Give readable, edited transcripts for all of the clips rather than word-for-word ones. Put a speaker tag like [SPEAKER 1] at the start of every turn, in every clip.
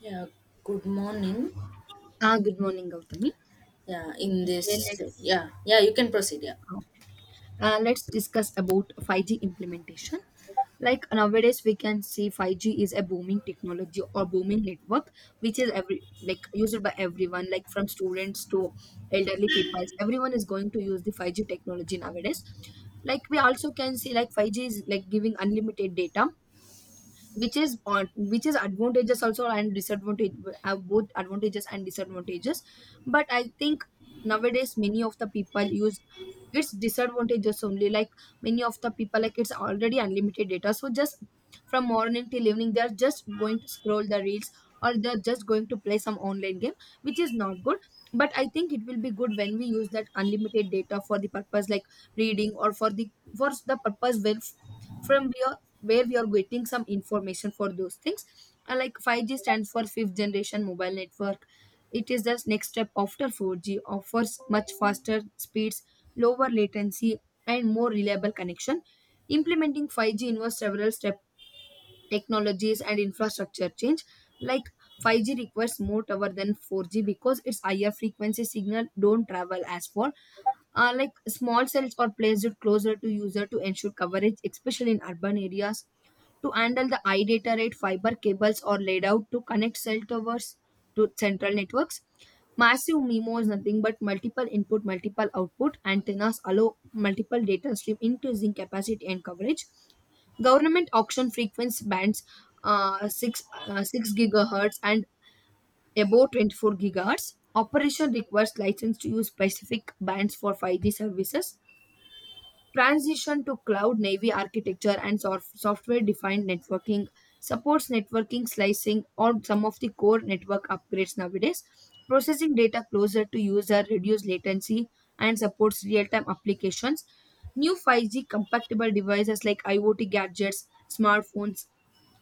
[SPEAKER 1] Yeah, good morning.
[SPEAKER 2] Ah, good morning, Gautami.
[SPEAKER 1] Yeah, in
[SPEAKER 2] Okay,
[SPEAKER 1] this,
[SPEAKER 2] let's
[SPEAKER 1] yeah, yeah, you can proceed. Yeah.
[SPEAKER 2] uh, let's discuss about 5G implementation. Like nowadays, we can see 5G is a booming technology or booming network, which is every like used by everyone, like from students to elderly people. Everyone is going to use the 5G technology nowadays. Like we also can see, like 5G is like giving unlimited data which is advantages also and disadvantage both advantages and disadvantages, but I think nowadays many of the people use its disadvantages only, like many of the people like it's already unlimited data, so just from morning till evening they're just going to scroll the reels or they're just going to play some online game, which is not good. But I think it will be good when we use that unlimited data for the purpose, like reading, or for the purpose from where we are getting some information for those things. Like 5G stands for fifth generation mobile network. It is the next step after 4G, offers much faster speeds, lower latency, and more reliable connection. Implementing 5G involves several step technologies and infrastructure change, like 5G requires more tower than 4G because its higher frequency signal don't travel as far. Like small cells are placed closer to user to ensure coverage, especially in urban areas. To handle the high data rate, fiber cables are laid out to connect cell towers to central networks. Massive MIMO is nothing but multiple input, multiple output. Antennas allow multiple data stream, increasing capacity and coverage. Government auction frequency bands, 6 gigahertz and above 24 gigahertz. Operation requires license to use specific bands for 5G services. Transition to cloud navy architecture and software defined networking supports networking slicing or some of the core network upgrades nowadays. Processing data closer to user, reduce latency, and supports real time applications. New 5G compatible devices like IoT gadgets, smartphones,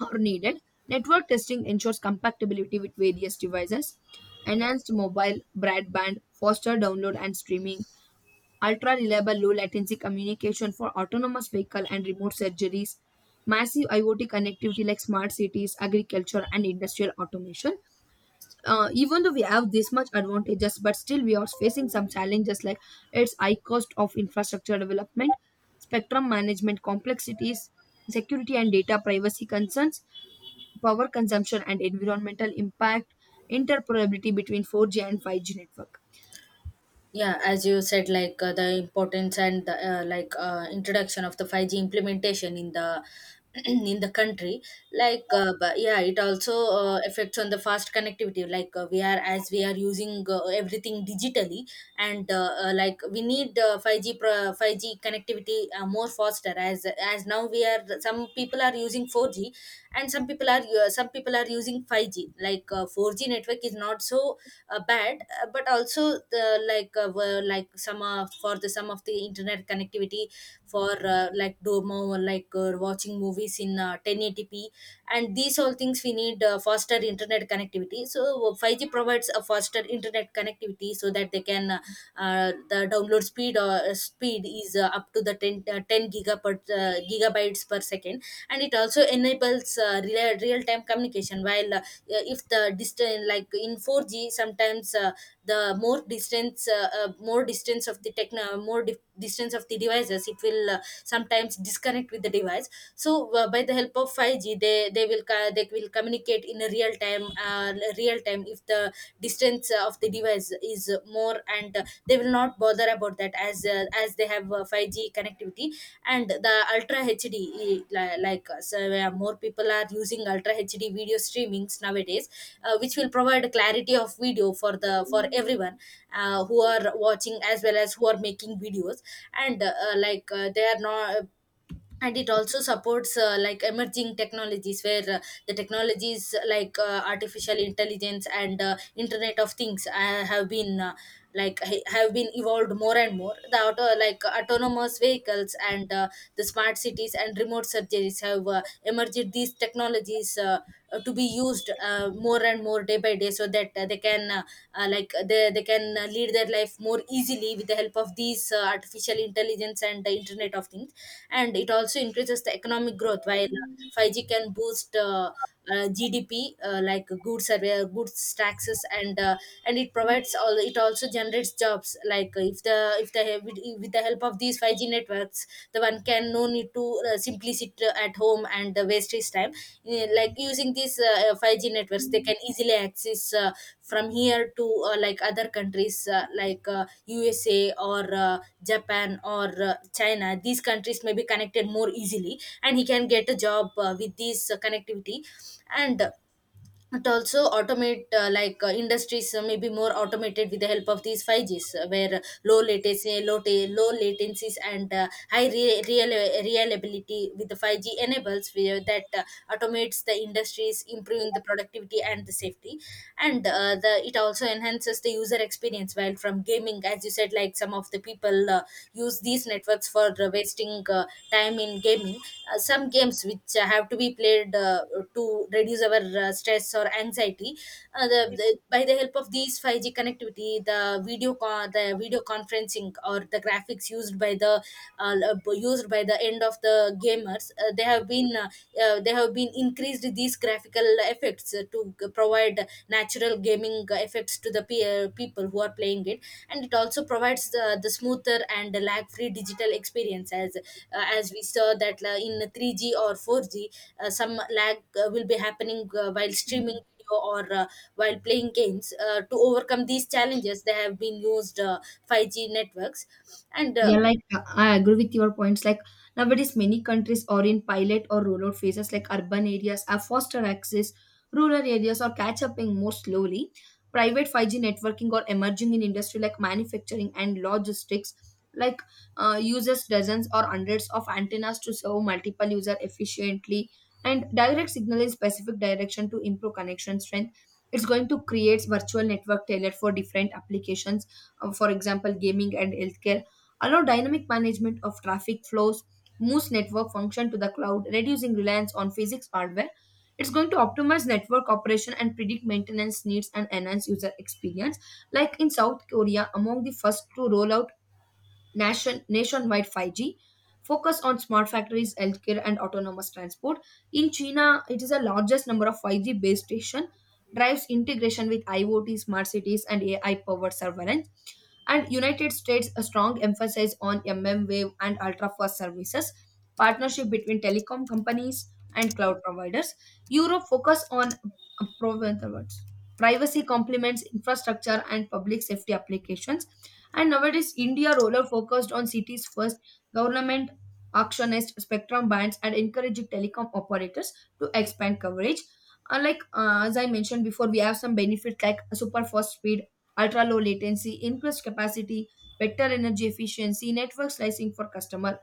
[SPEAKER 2] or needed. Network testing ensures compatibility with various devices, enhanced mobile broadband, faster download and streaming, ultra reliable low latency communication for autonomous vehicle and remote surgeries, massive IoT connectivity like smart cities, agriculture, and industrial automation. Even though we have this much advantages, but still we are facing some challenges, like its high cost of infrastructure development, spectrum management complexities, security and data privacy concerns, power consumption and environmental impact, interoperability between 4G and 5G network.
[SPEAKER 1] Yeah as you said, like, the importance and the, introduction of the 5G implementation in the in the country, like, but yeah it also affects on the fast connectivity, like, we are as we are using everything digitally. And, like, we need 5G connectivity more faster, as now, we are some people are using 4G, and some people are using 5G. Like, 4G network is not so bad, but also the, were like some, for the some of the internet connectivity for, like, domo, or like, watching movies in 1080p, and these all things. We need faster internet connectivity, so 5G provides a faster internet connectivity so that the download speed or speed is up to the 10 gigabytes per second. And it also enables real time communication, while, if the distance, like, in 4G, sometimes the more distance of the, techno more, distance of the devices, it will sometimes disconnect with the device. So by the help of 5G, they will, they will communicate in a real time, real time, if the distance of the device is more, and they will not bother about that, as they have 5G connectivity. And the ultra hd, like, so more people are using ultra hd video streamings nowadays, which will provide clarity of video for the, for everyone, who are watching, as well as who are making videos. And, like, they are not. And it also supports like emerging technologies, where, the technologies like, artificial intelligence and internet of things have been evolved more and more. The, auto like autonomous vehicles, and the smart cities and remote surgeries have emerged these technologies to be used more and more day by day, so that they, can lead their life more easily with the help of these, artificial intelligence and the internet of things. And it also increases the economic growth, while 5G can boost GDP, like, goods survey, goods taxes, and it provides all. It also generates jobs. Like, if the, with the help of these 5G networks, the one can no need to simply sit at home and waste his time. Like, using these 5G networks, they can easily access from here to, like other countries, like, USA or Japan or China. These countries may be connected more easily, and he can get a job with this connectivity. And it also automate, like, industries may be more automated with the help of these 5Gs, where, low latency, low latencies and real reliability with the 5G enables, where that automates the industries, improving the productivity and the safety. And the it also enhances the user experience, while from gaming, as you said, like, some of the people use these networks for wasting time in gaming. Some games which have to be played to reduce our stress or anxiety. The, by the help of these 5G connectivity, the video conferencing, or the graphics used by the, uh, used by the end of the gamers, they have been increased, these graphical effects to provide natural gaming effects to the, people who are playing it. And it also provides the smoother and lag free digital experience, as we saw that in 3G or 4G, some lag will be happening while streaming video or while playing games. To overcome these challenges, they have been used 5G networks. And,
[SPEAKER 2] Yeah, like I agree with your points. Like nowadays, many countries are in pilot or rollout phases, like urban areas are foster access, rural areas are catch upping more slowly. Private 5G networking are emerging in industry like manufacturing and logistics, like uses dozens or hundreds of antennas to serve multiple user efficiently and direct signal in specific direction to improve connection strength. It's going to create virtual network tailored for different applications, for example, gaming and healthcare allow dynamic management of traffic flows, moves network function to the cloud, reducing reliance on physics hardware. It's going to optimize network operation and predict maintenance needs and enhance user experience. Like in South Korea, among the first to roll out nationwide 5G, focus on smart factories, healthcare, and autonomous transport. In China, it is the largest number of 5G base station, drives integration with IoT, smart cities, and AI-powered surveillance. And United States, a strong emphasis on mmWave and ultra-fast services, partnership between telecom companies and cloud providers. Europe focus on uh, prov- privacy complements infrastructure and public safety applications. And nowadays, India roller focused on cities first, government actionist spectrum bands and encouraged telecom operators to expand coverage. Unlike as I mentioned before, we have some benefits like super fast speed, ultra low latency, increased capacity, better energy efficiency, network slicing for customer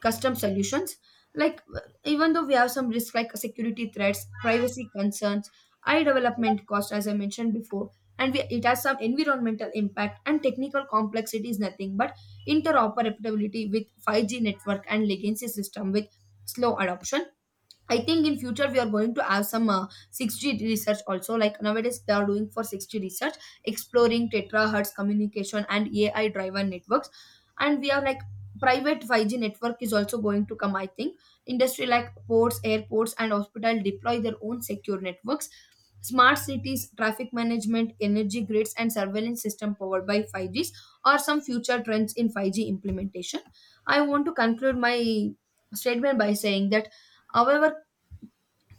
[SPEAKER 2] custom solutions, like even though we have some risks like security threats, privacy concerns, high development cost as I mentioned before. And it has some environmental impact, and technical complexity is nothing but interoperability with 5G network and legacy system with slow adoption. I think in future we are going to have some 6G research also. Like nowadays they are doing for 6G research, exploring terahertz communication and AI driven networks. And we are like private 5G network is also going to come. I think industry like ports, airports, and hospital deploy their own secure networks. Smart cities, traffic management, energy grids, and surveillance system powered by 5Gs are some future trends in 5G implementation. I want to conclude my statement by saying that. However,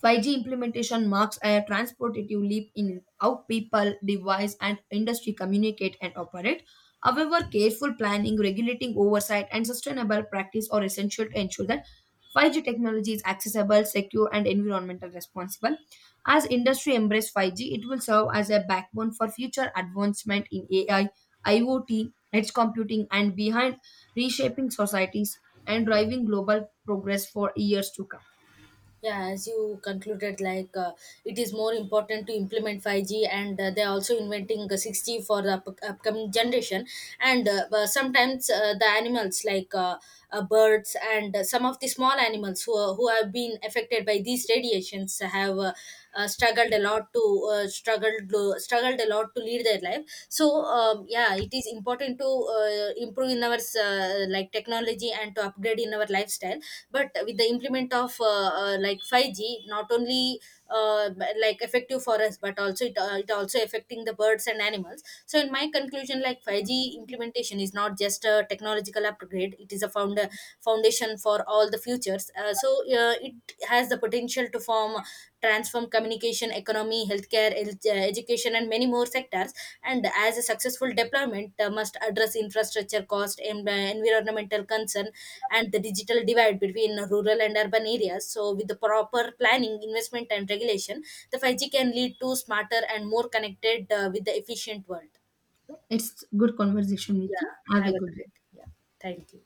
[SPEAKER 2] 5G implementation marks a transformative leap in how people, device, and industry communicate and operate. However, careful planning, regulating oversight, and sustainable practice are essential to ensure that 5G technology is accessible, secure, and environmental responsible. As industry embrace 5G, it will serve as a backbone for future advancement in AI, IoT, edge computing, and behind reshaping societies and driving global progress for years to come.
[SPEAKER 1] yeah, as you concluded, like, it is more important to implement 5G, and they're also inventing 6G for the upcoming generation. And, but sometimes the animals, like, birds, and some of the small animals who, are, who have been affected by these radiations have, struggled a lot to, struggled a lot to lead their life. So, yeah, it is important to improve in our like technology and to upgrade in our lifestyle. But with the implement of like 5G, not only like effective for us but also it, it also affecting the birds and animals. So in my conclusion, like, 5G implementation is not just a technological upgrade, it is a, foundation for all the futures. So it has the potential to form, transform communication, economy, healthcare, education, and many more sectors. And as a successful deployment must address infrastructure cost and environmental concern, and the digital divide between rural and urban areas. So, with the proper planning, investment, and regulation, the 5G can lead to smarter and more connected, with the efficient world.
[SPEAKER 2] It's good conversation
[SPEAKER 1] Yeah,
[SPEAKER 2] with you. Have
[SPEAKER 1] have
[SPEAKER 2] a
[SPEAKER 1] a
[SPEAKER 2] good day.
[SPEAKER 1] great. Yeah, thank you.